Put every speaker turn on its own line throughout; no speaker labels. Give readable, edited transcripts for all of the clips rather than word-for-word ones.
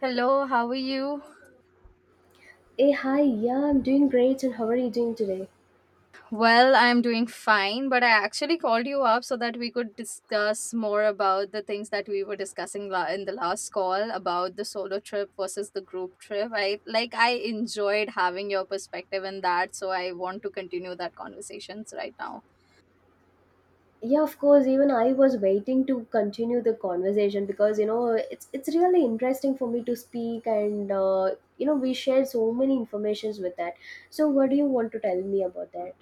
Hello, how are you?
Hey, hi, yeah, I'm doing great. And how are you doing today?
Well, I'm doing fine, but I actually called you up so that we could discuss more about the things that we were discussing in the last call about the solo trip versus the group trip. I enjoyed having your perspective in that, so I want to continue that conversations right now.
Yeah, of course. Even I was waiting to continue the conversation because it's really interesting for me to speak, and we shared so many informations with that. So, what do you want to tell me about that?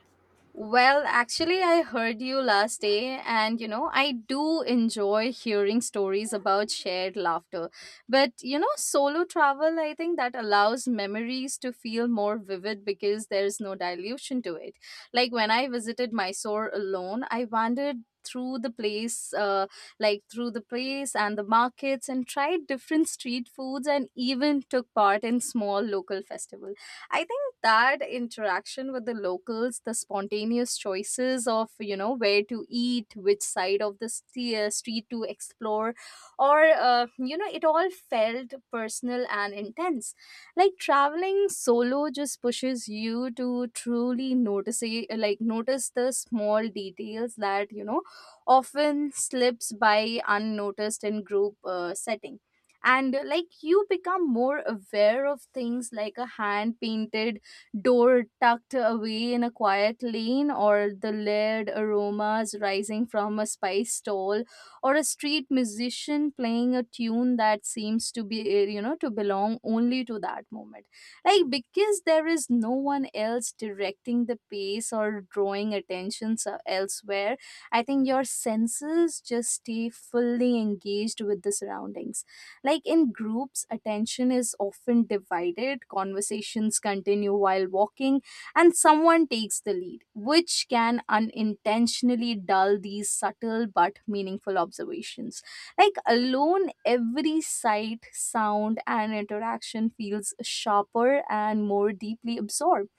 Well, actually, I heard you last day, and I do enjoy hearing stories about shared laughter. But solo travel, I think that allows memories to feel more vivid because there's no dilution to it. Like when I visited Mysore alone, I wandered through the place through the place and the markets and tried different street foods and even took part in small local festivals. I think that interaction with the locals, the spontaneous choices of, where to eat, which side of the street to explore, or, it all felt personal and intense. Like traveling solo just pushes you to truly notice the small details that, often slips by unnoticed in group settings, and like you become more aware of things like a hand painted door tucked away in a quiet lane, or the layered aromas rising from a spice stall, or a street musician playing a tune that seems to be you know to belong only to that moment. Like because there is no one else directing the pace or drawing attention elsewhere, I think your senses just stay fully engaged with the surroundings. Like in groups, attention is often divided, conversations continue while walking, and someone takes the lead, which can unintentionally dull these subtle but meaningful observations. Like alone, every sight, sound, and interaction feels sharper and more deeply absorbed.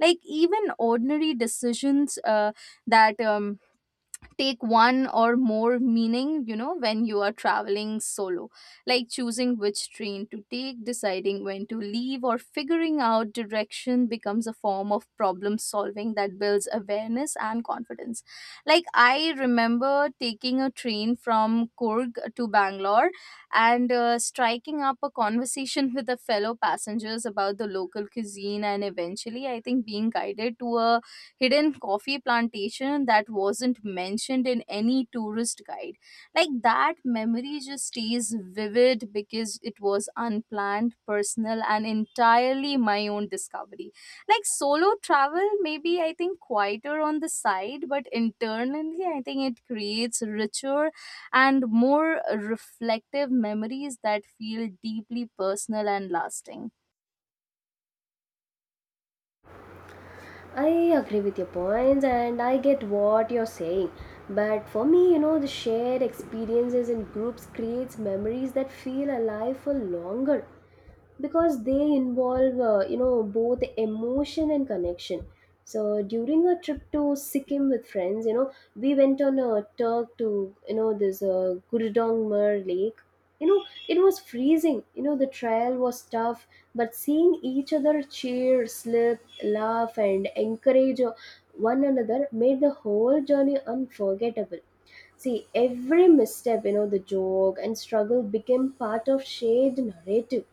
Like even ordinary decisions that take one or more meaning when you are traveling solo, like choosing which train to take, deciding when to leave, or figuring out direction becomes a form of problem solving that builds awareness and confidence. Like I remember taking a train from Kurg to Bangalore, and striking up a conversation with the fellow passengers about the local cuisine, and eventually I think being guided to a hidden coffee plantation that wasn't mentioned in any tourist guide. Like that memory just stays vivid because it was unplanned, personal, and entirely my own discovery. Like solo travel, maybe I think quieter on the side, but internally, I think it creates richer and more reflective memories that feel deeply personal and lasting.
I agree with your points, and I get what you're saying. But for me, you know, the shared experiences in groups creates memories that feel alive for longer because they involve, you know, both emotion and connection. So during a trip to Sikkim with friends, you know, we went on a trek to, you know, this Gurudongmer lake. You know, it was freezing. You know, the trail was tough, but seeing each other cheer, slip, laugh, and encourage one another made the whole journey unforgettable. See, every misstep, you know, the joke and struggle became part of shared narrative.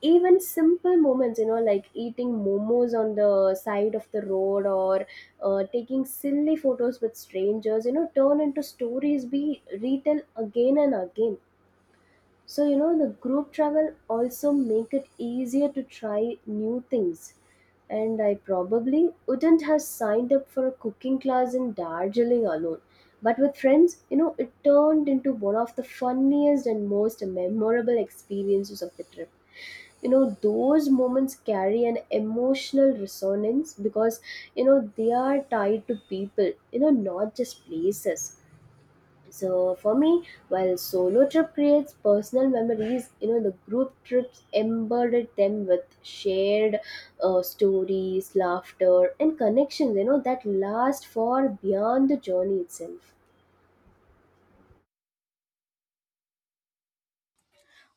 Even simple moments, you know, like eating momos on the side of the road or taking silly photos with strangers, you know, turn into stories we retell again and again. So, you know, the group travel also make it easier to try new things. And I probably wouldn't have signed up for a cooking class in Darjeeling alone. But with friends, you know, it turned into one of the funniest and most memorable experiences of the trip. You know, those moments carry an emotional resonance because, you know, they are tied to people, you know, not just places. So for me, while solo trip creates personal memories, you know, the group trips embedded them with shared stories, laughter, and connections. You know that last far beyond the journey itself.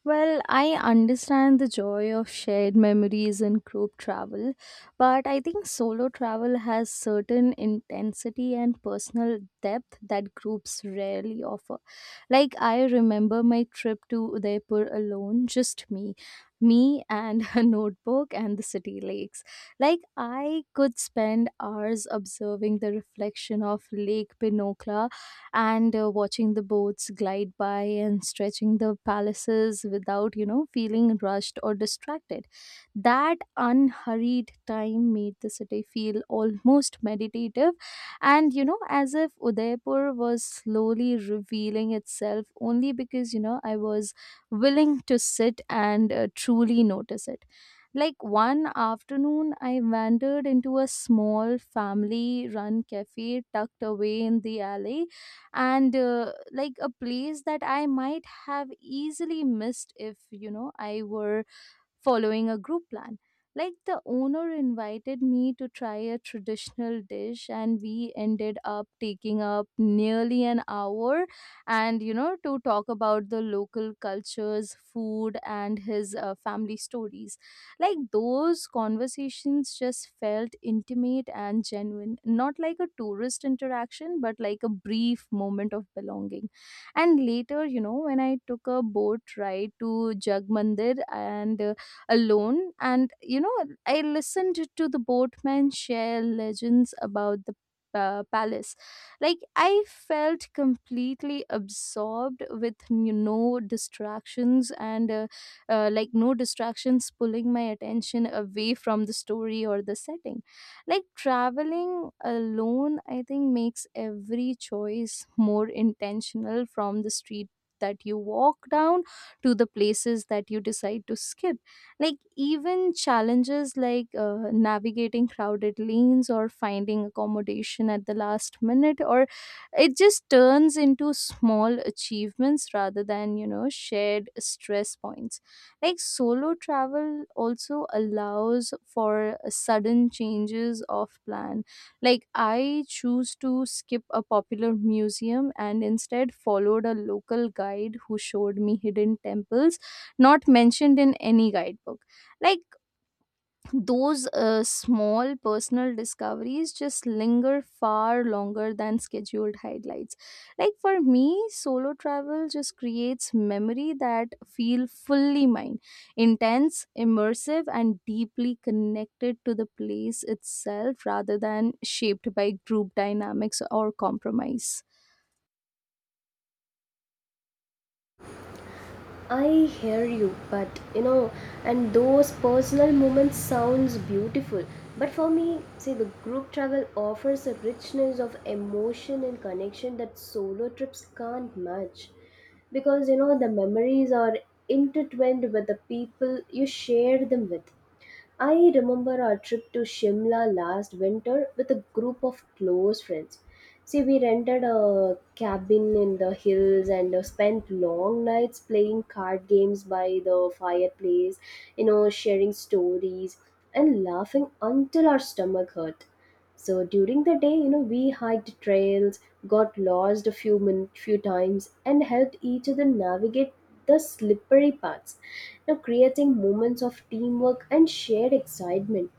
Well, I understand the joy of shared memories in group travel, but I think solo travel has certain intensity and personal depth that groups rarely offer. Like I remember my trip to Udaipur alone, just me, me and a notebook and the city lakes. Like I could spend hours observing the reflection of Lake Pinocchio and watching the boats glide by and stretching the palaces without, feeling rushed or distracted. That unhurried time made the city feel almost meditative and, as if Udaipur was slowly revealing itself only because, I was willing to sit and truly notice it. Like one afternoon, I wandered into a small family run cafe tucked away in the alley, and a place that I might have easily missed if I were following a group plan. Like the owner invited me to try a traditional dish, and we ended up taking up nearly an hour and you know to talk about the local cultures, food, and his family stories. Like those conversations just felt intimate and genuine, not like a tourist interaction, but like a brief moment of belonging. And later, when I took a boat ride to Jag Mandir and alone. And, I listened to the boatmen share legends about the palace. Like, I felt completely absorbed with no distractions and, no distractions pulling my attention away from the story or the setting. Like, traveling alone, I think, makes every choice more intentional, from the street that you walk down to the places that you decide to skip. Like, even challenges like navigating crowded lanes or finding accommodation at the last minute, or it just turns into small achievements rather than, shared stress points. Like, solo travel also allows for sudden changes of plan. Like, I choose to skip a popular museum and instead followed a local guide who showed me hidden temples not mentioned in any guidebook. Like those small personal discoveries just linger far longer than scheduled highlights. Like for me, solo travel just creates memory that feel fully mine, intense, immersive, and deeply connected to the place itself rather than shaped by group dynamics or compromise.
I hear you, but you know, and those personal moments sounds beautiful. But for me, see, the group travel offers a richness of emotion and connection that solo trips can't match. Because you know, the memories are intertwined with the people you share them with. I remember our trip to Shimla last winter with a group of close friends. See, we rented a cabin in the hills and spent long nights playing card games by the fireplace, you know, sharing stories and laughing until our stomach hurt. So during the day, you know, we hiked trails, got lost few times, and helped each other navigate the slippery paths. Now creating moments of teamwork and shared excitement.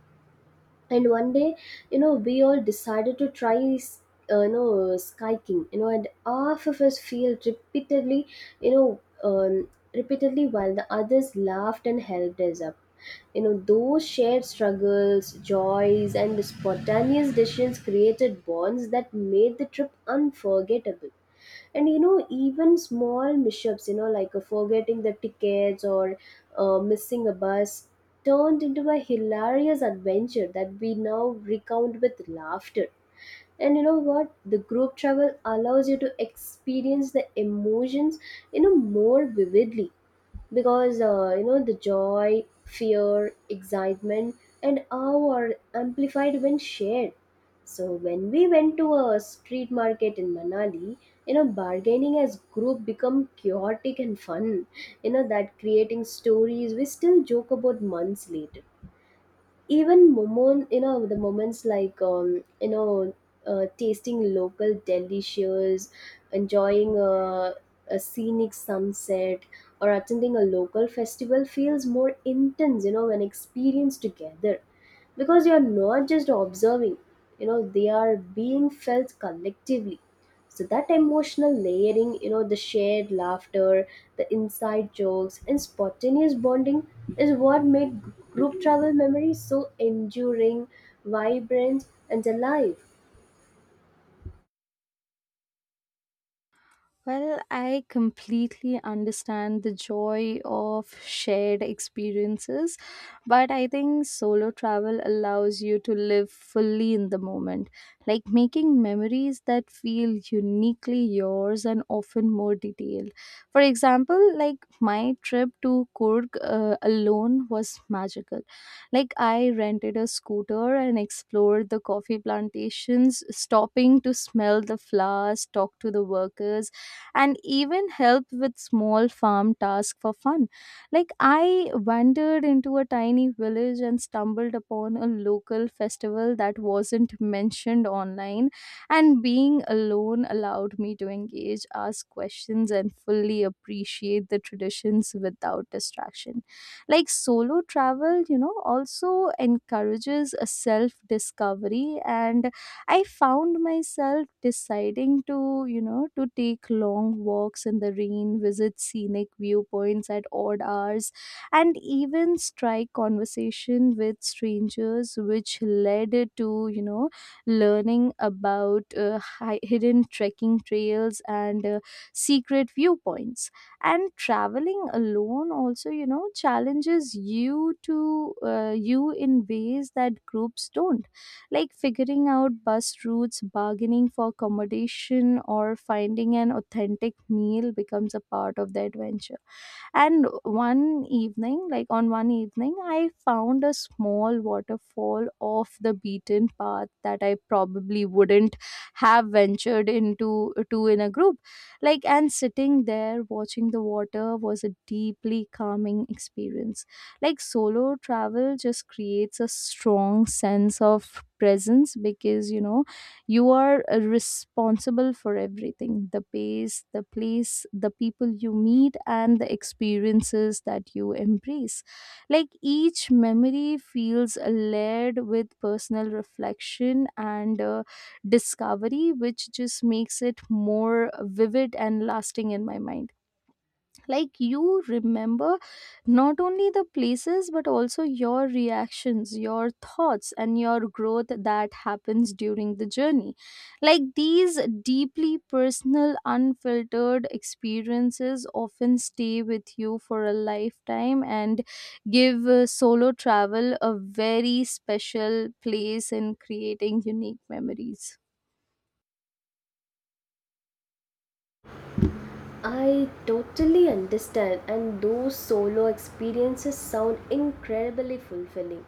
And one day, you know, we all decided to try you know, skiing, you know, and half of us feel repeatedly you know repeatedly while the others laughed and helped us up. You know, those shared struggles, joys, and spontaneous decisions created bonds that made the trip unforgettable. And you know, even small mishaps, you know, like forgetting the tickets or missing a bus turned into a hilarious adventure that we now recount with laughter. And you know what, the group travel allows you to experience the emotions, you know, more vividly because you know, the joy, fear, excitement, and awe are amplified when shared. So when we went to a street market in Manali, you know, bargaining as group become chaotic and fun, you know, that creating stories we still joke about months later. Even moment you know the moments like you know Tasting local delicious, enjoying a scenic sunset, or attending a local festival feels more intense, you know, when experienced together, because you're not just observing, you know, they are being felt collectively. So that emotional layering, you know, the shared laughter, the inside jokes, and spontaneous bonding is what made group travel memories so enduring, vibrant, and alive.
Well, I completely understand the joy of shared experiences, but I think solo travel allows you to live fully in the moment, like making memories that feel uniquely yours and often more detailed. For example, like my trip to Kurg alone was magical. Like I rented a scooter and explored the coffee plantations, stopping to smell the flowers, talk to the workers, and even help with small farm tasks for fun. Like I wandered into a tiny village and stumbled upon a local festival that wasn't mentioned online, and being alone allowed me to engage, ask questions, and fully appreciate the traditions without distraction. Like solo travel, also encourages a self discovery, and I found myself deciding to, take long walks in the rain, visit scenic viewpoints at odd hours, and even strike conversation with strangers, which led to, learning about hidden trekking trails and secret viewpoints. And traveling alone also, challenges you to you in ways that groups don't, like figuring out bus routes, bargaining for accommodation, or finding an authentic meal becomes a part of the adventure. And one evening like on one evening I found a small waterfall off the beaten path that I probably wouldn't have ventured into to in a group. Like, and sitting there watching the water was a deeply calming experience. Like solo travel just creates a strong sense of presence because you are responsible for everything, the pace, the place, the people you meet, and the experiences that you embrace. Like each memory feels layered with personal reflection and discovery, which just makes it more vivid and lasting in my mind. Like you remember not only the places but also your reactions, your thoughts, and your growth that happens during the journey. Like these deeply personal unfiltered experiences often stay with you for a lifetime, and give solo travel a very special place in creating unique memories.
I totally understand, and those solo experiences sound incredibly fulfilling.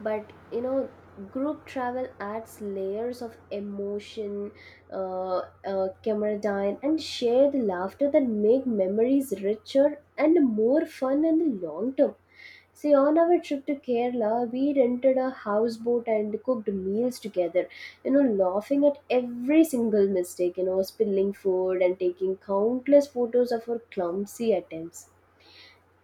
But you know, group travel adds layers of emotion, uh, camaraderie, and shared laughter that make memories richer and more fun in the long term. See, on our trip to Kerala, we rented a houseboat and cooked meals together, you know, laughing at every single mistake, you know, spilling food and taking countless photos of our clumsy attempts.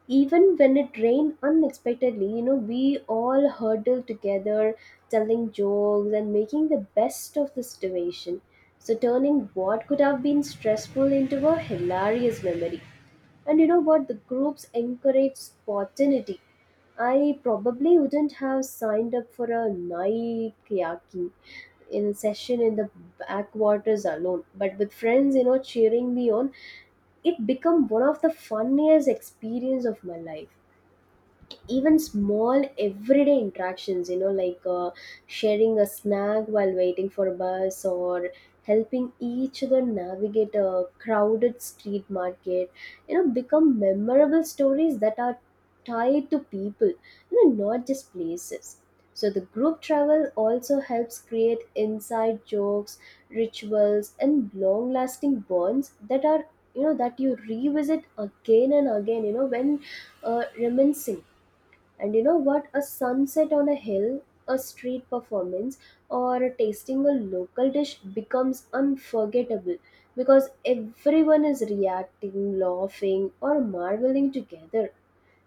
Even when it rained unexpectedly, you know, we all huddled together telling jokes and making the best of the situation, so turning what could have been stressful into a hilarious memory. And you know what, the groups encourage spontaneity. I probably wouldn't have signed up for a night kayaking in session in the backwaters alone, but with friends, you know, cheering me on, it become one of the funniest experience of my life. Even small everyday interactions, you know, like sharing a snack while waiting for a bus or helping each other navigate a crowded street market, you know, become memorable stories that are tied to people, you know, not just places. So the group travel also helps create inside jokes, rituals, and long lasting bonds that are, you know, that you revisit again and again, you know, when reminiscing. And you know what? A sunset on a hill, a street performance, or tasting a local dish becomes unforgettable because everyone is reacting, laughing, or marveling together.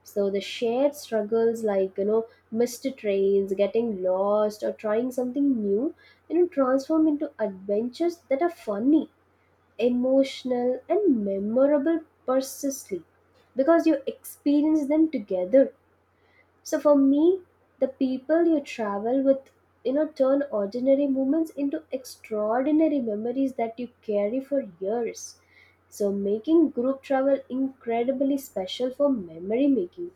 So the shared struggles, like, you know, missed trains, getting lost, or trying something new, you know, transform into adventures that are funny, emotional, and memorable persistently, because you experience them together. So for me, the people you travel with, you know, turn ordinary moments into extraordinary memories that you carry for years. So making group travel incredibly special for memory making.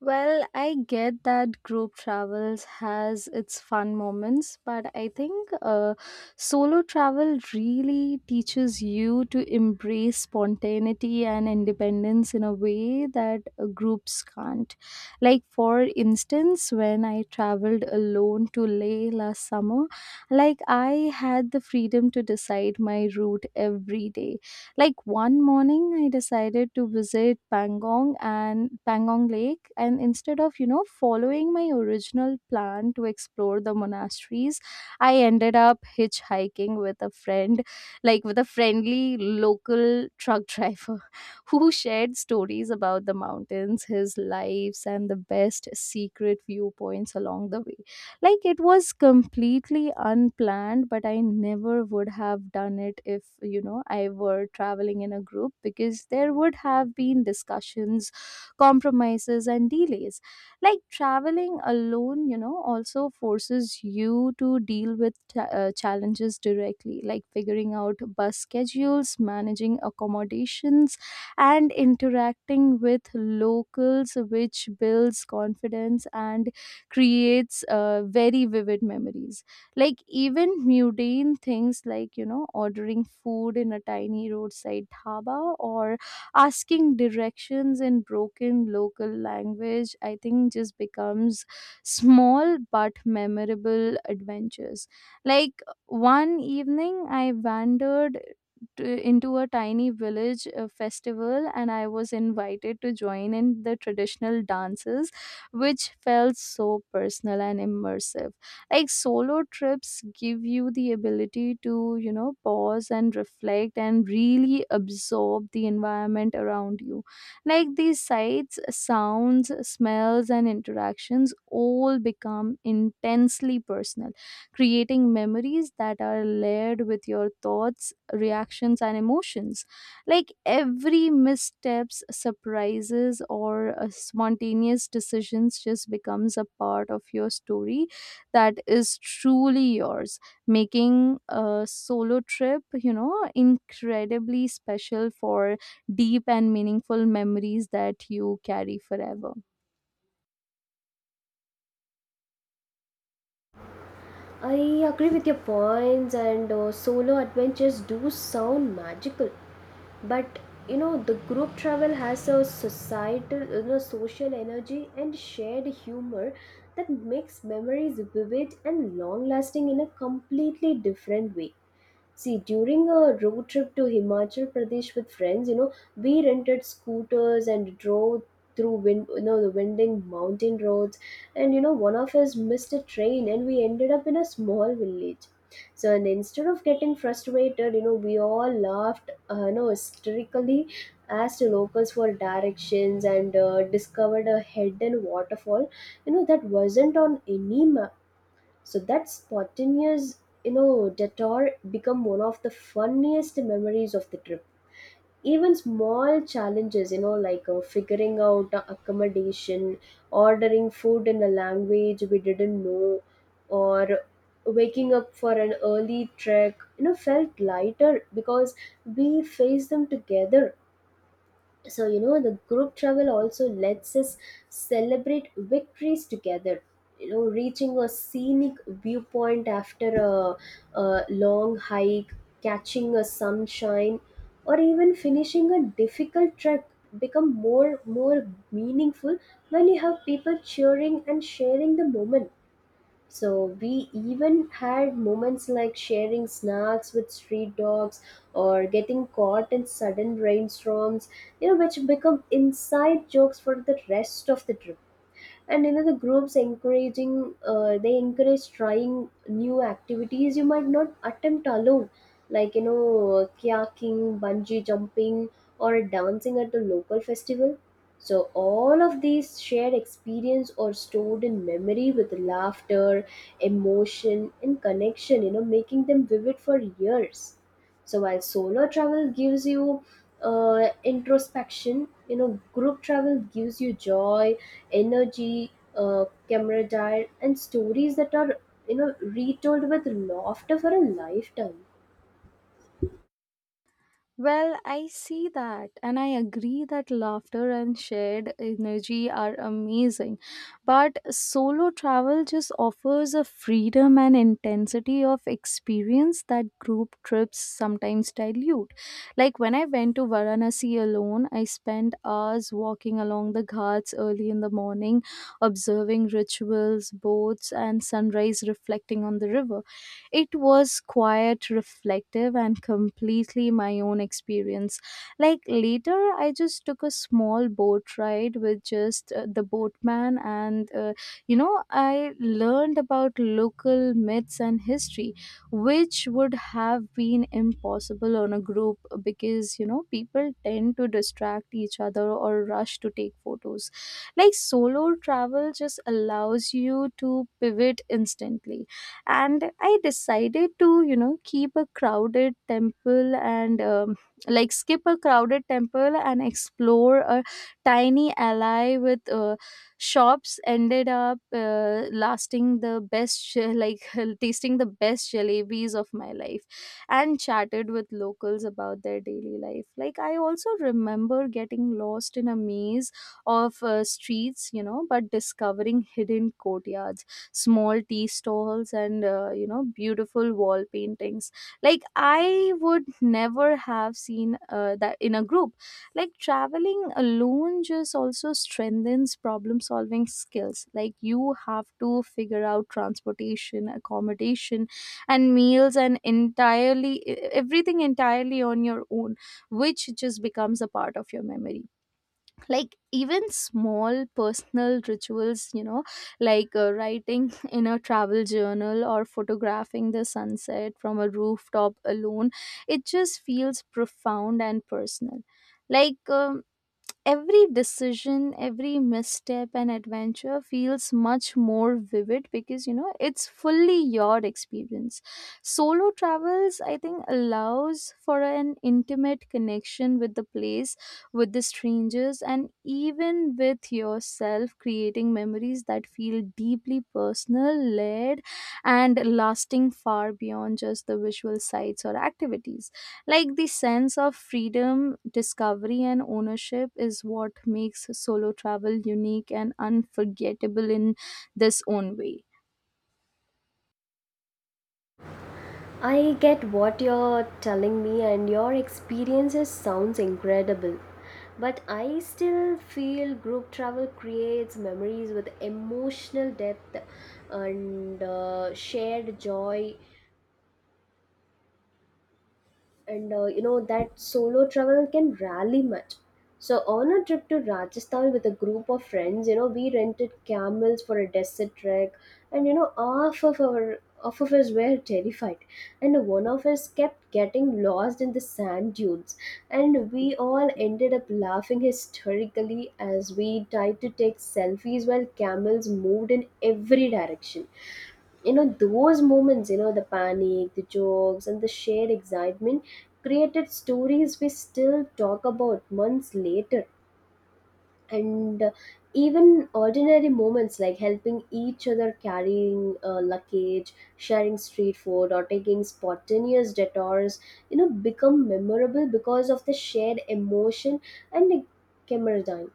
Well, I get that group travels has its fun moments, but I think solo travel really teaches you to embrace spontaneity and independence in a way that groups can't. Like for instance, when I traveled alone to Leh last summer, like I had the freedom to decide my route every day. Like one morning, I decided to visit Pangong and Pangong Lake, and instead of following my original plan to explore the monasteries, I ended up hitchhiking with a friend, like with a friendly local truck driver who shared stories about the mountains, his lives, and the best secret viewpoints along the way. Like it was completely unplanned, but I never would have done it if I were traveling in a group, because there would have been discussions, compromises, and delays. Like traveling alone, also forces you to deal with challenges directly, like figuring out bus schedules, managing accommodations, and interacting with locals, which builds confidence and creates very vivid memories. Like even mundane things, like ordering food in a tiny roadside dhaba, or asking directions in broken local language, I think just becomes small but memorable adventures. Like one evening I wandered to, into a tiny village festival, and I was invited to join in the traditional dances, which felt so personal and immersive. Like solo trips give you the ability to, pause and reflect and really absorb the environment around you. Like these sights, sounds, smells, and interactions all become intensely personal, creating memories that are layered with your thoughts, reactions, and emotions. Like every missteps, surprises, or a spontaneous decisions just becomes a part of your story that is truly yours, making a solo trip incredibly special for deep and meaningful memories that you carry forever.
I agree with your points, and solo adventures do sound magical. But you know, the group travel has a societal, you know, social energy and shared humor that makes memories vivid and long lasting in a completely different way. See, during a road trip to Himachal Pradesh with friends, you know, we rented scooters and drove you know, the winding mountain roads. And you know, one of us missed a train, and we ended up in a small village. So, and instead of getting frustrated, you know, we all laughed, you know, hysterically, asked locals for directions, and discovered a hidden waterfall. You know, that wasn't on any map, so that spontaneous, you know, detour become one of the funniest memories of the trip. Even small challenges, you know, like figuring out the accommodation, ordering food in a language we didn't know, or waking up for an early trek, you know, felt lighter because we faced them together. So you know, the group travel also lets us celebrate victories together, you know, reaching a scenic viewpoint after a long hike, catching a sunshine, or even finishing a difficult trek become more meaningful when you have people cheering and sharing the moment. So we even had moments like sharing snacks with street dogs or getting caught in sudden rainstorms, you know, which become inside jokes for the rest of the trip. And you know, the groups encouraging, they encourage trying new activities you might not attempt alone, like, you know, kayaking, bungee jumping, or dancing at the local festival. So all of these shared experience are stored in memory with laughter, emotion, and connection, you know, making them vivid for years. So while solo travel gives you introspection, you know, group travel gives you joy, energy, camaraderie, and stories that are, you know, retold with laughter for a lifetime.
Well, I see that, and I agree that laughter and shared energy are amazing. But solo travel just offers a freedom and intensity of experience that group trips sometimes dilute. Like when I went to Varanasi alone, I spent hours walking along the ghats early in the morning, observing rituals, boats, and sunrise reflecting on the river. It was quiet, reflective, and completely my own experience. Like later, I just took a small boat ride with just the boatman, and I learned about local myths and history, which would have been impossible on a group because you know, people tend to distract each other or rush to take photos. Like solo travel just allows you to pivot instantly, and I decided to, you know, keep a crowded temple and skip a crowded temple and explore a tiny alley with shops, ended up lasting the best tasting the best jalebis of my life, and chatted with locals about their daily life. Like I also remember getting lost in a maze of streets, you know, but discovering hidden courtyards, small tea stalls, and beautiful wall paintings. Like I would never have seen that in a group. Like traveling alone just also strengthens problem solving skills. Like you have to figure out transportation, accommodation, and meals, and everything entirely on your own, which just becomes a part of your memory. Like even small personal rituals, you know, like writing in a travel journal or photographing the sunset from a rooftop alone, it just feels profound and personal. like um, every decision, every misstep and adventure feels much more vivid because, you know, it's fully your experience. Solo travels, I think, allows for an intimate connection with the place, with the strangers, and even with yourself, creating memories that feel deeply personal, layered, and lasting far beyond just the visual sights or activities. Like the sense of freedom, discovery, and ownership is what makes solo travel unique and unforgettable in this own way.
I get what you're telling me, and your experiences sounds incredible. But I still feel group travel creates memories with emotional depth and shared joy and you know, that solo travel can rarely much. So on a trip to Rajasthan with a group of friends, you know, we rented camels for a desert trek. And you know, half of us were terrified, and one of us kept getting lost in the sand dunes, and we all ended up laughing hysterically as we tried to take selfies while camels moved in every direction. You know, those moments, you know, the panic, the jokes, and the shared excitement created stories we still talk about months later. And even ordinary moments like helping each other carrying luggage, sharing street food, or taking spontaneous detours, you know, become memorable because of the shared emotion and the camaraderie.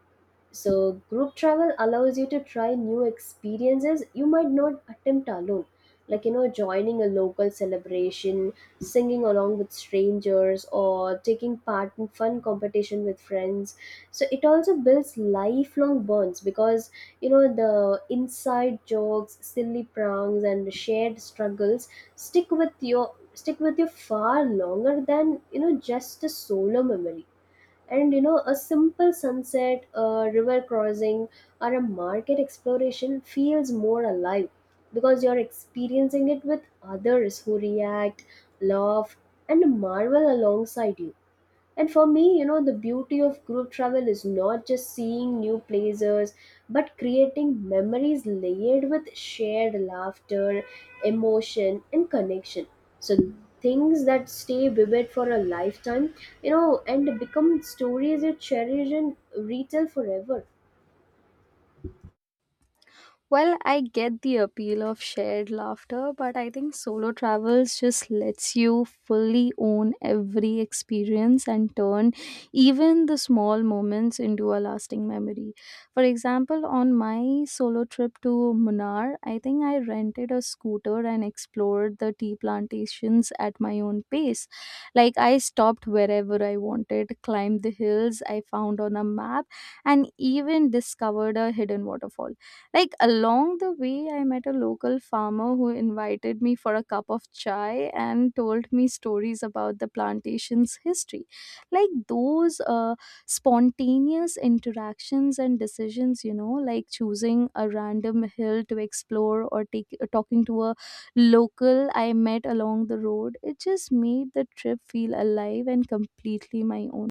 So, group travel allows you to try new experiences you might not attempt alone. Like, you know, joining a local celebration, singing along with strangers, or taking part in fun competition with friends. So, it also builds lifelong bonds because, you know, the inside jokes, silly pranks, and shared struggles stick with you far longer than, you know, just a solo memory. And you know, a simple sunset, a river crossing, or a market exploration feels more alive because you're experiencing it with others who react, laugh, and marvel alongside you. And for me, you know, the beauty of group travel is not just seeing new places, but creating memories layered with shared laughter, emotion, and connection. So things that stay vivid for a lifetime, you know, and become stories you cherish and retell forever.
Well, I get the appeal of shared laughter, but I think solo travels just lets you fully own every experience and turn even the small moments into a lasting memory. For example, on my solo trip to Munnar, I think I rented a scooter and explored the tea plantations at my own pace. Like, I stopped wherever I wanted, climbed the hills I found on a map, and even discovered a hidden waterfall. Like along the way, I met a local farmer who invited me for a cup of chai and told me stories about the plantation's history. Like those spontaneous interactions and decisions, you know, like choosing a random hill to explore or talking to a local I met along the road, it just made the trip feel alive and completely my own.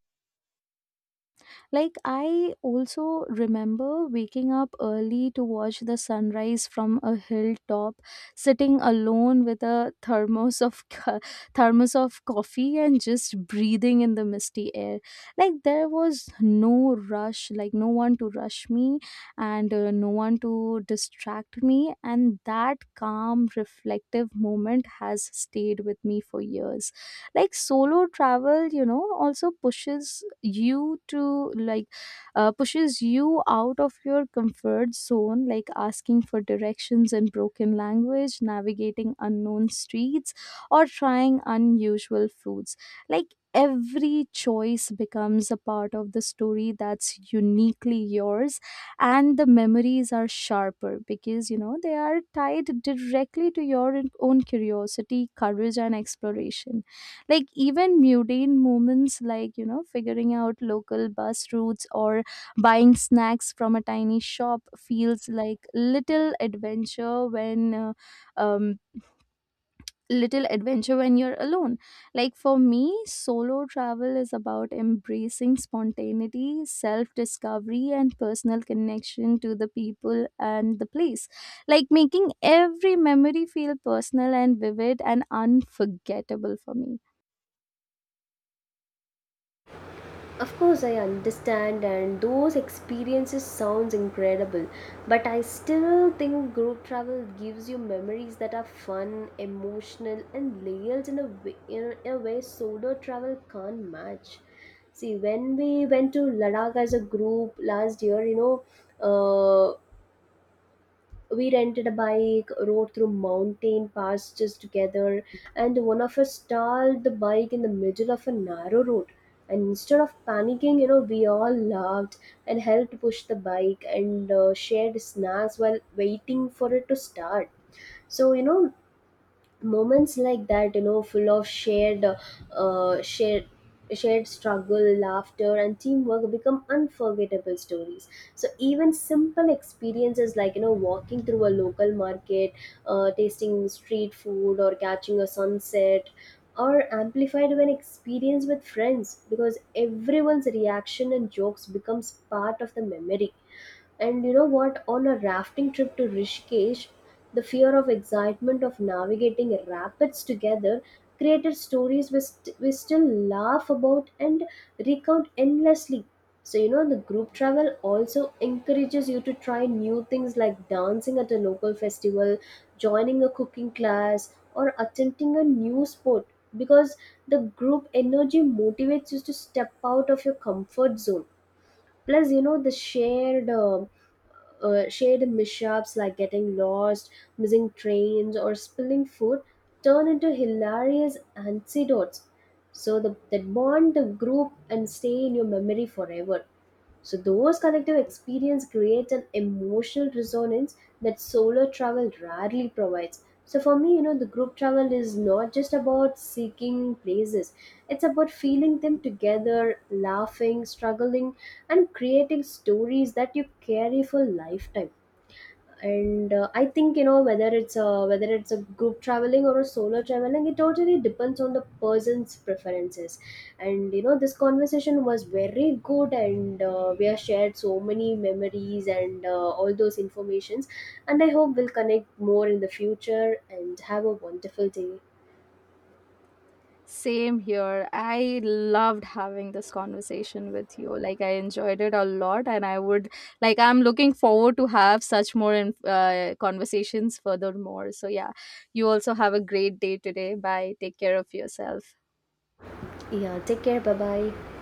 Like, I also remember waking up early to watch the sunrise from a hilltop, sitting alone with a thermos of co- thermos of coffee and just breathing in the misty air. Like, there was no rush, like no one to rush me and no one to distract me, and that calm, reflective moment has stayed with me for years. Like solo travel, you know, also you to like pushes you out of your comfort zone, like asking for directions in broken language, navigating unknown streets, or trying unusual foods. Like every choice becomes a part of the story that's uniquely yours, and the memories are sharper because, you know, they are tied directly to your own curiosity, courage, and exploration. Like even mundane moments like, you know, figuring out local bus routes or buying snacks from a tiny shop feels like um little adventure when you're alone. Like for me, solo travel is about embracing spontaneity, self-discovery and personal connection to the people and the place, like making every memory feel personal and vivid and unforgettable for me.
Of course, I understand, and those experiences sounds incredible. But I still think group travel gives you memories that are fun, emotional, and layered in a way solo travel can't match. See, when we went to Ladakh as a group last year, you know, uh, we rented a bike rode through mountain passes together, and one of us stalled the bike in the middle of a narrow road, and instead of panicking, you know, we all laughed and helped push the bike, and shared snacks while waiting for it to start. So you know, moments like that, you know, full of shared shared struggle, laughter, and teamwork become unforgettable stories. So even simple experiences like, you know, walking through a local market, tasting street food, or catching a sunset are amplified when experienced with friends, because everyone's reaction and jokes becomes part of the memory. And you know what? On a rafting trip to Rishikesh, the fear of excitement of navigating rapids together created stories we still laugh about and recount endlessly. So, you know, the group travel also encourages you to try new things like dancing at a local festival, joining a cooking class, or attempting a new sport, because the group energy motivates you to step out of your comfort zone. Plus, you know, the shared mishaps like getting lost, missing trains, or spilling food turn into hilarious anecdotes. So the, that bond the group and stay in your memory forever. So those collective experience creates an emotional resonance that solo travel rarely provides. So for me, you know, the group travel is not just about seeking places. It's about feeling them together, laughing, struggling, and creating stories that you carry for lifetime. And I think, you know, whether it's a group traveling or a solo traveling, it totally depends on the person's preferences. And you know, this conversation was very good, and we have shared so many memories and all those informations. And I hope we'll connect more in the future and have a wonderful day.
Same here. I loved having this conversation with you. Like I enjoyed it a lot and I would like I'm looking forward to have such more conversations furthermore. So yeah, you also have a great day today. Bye. Take care of yourself.
Yeah, take care, bye bye.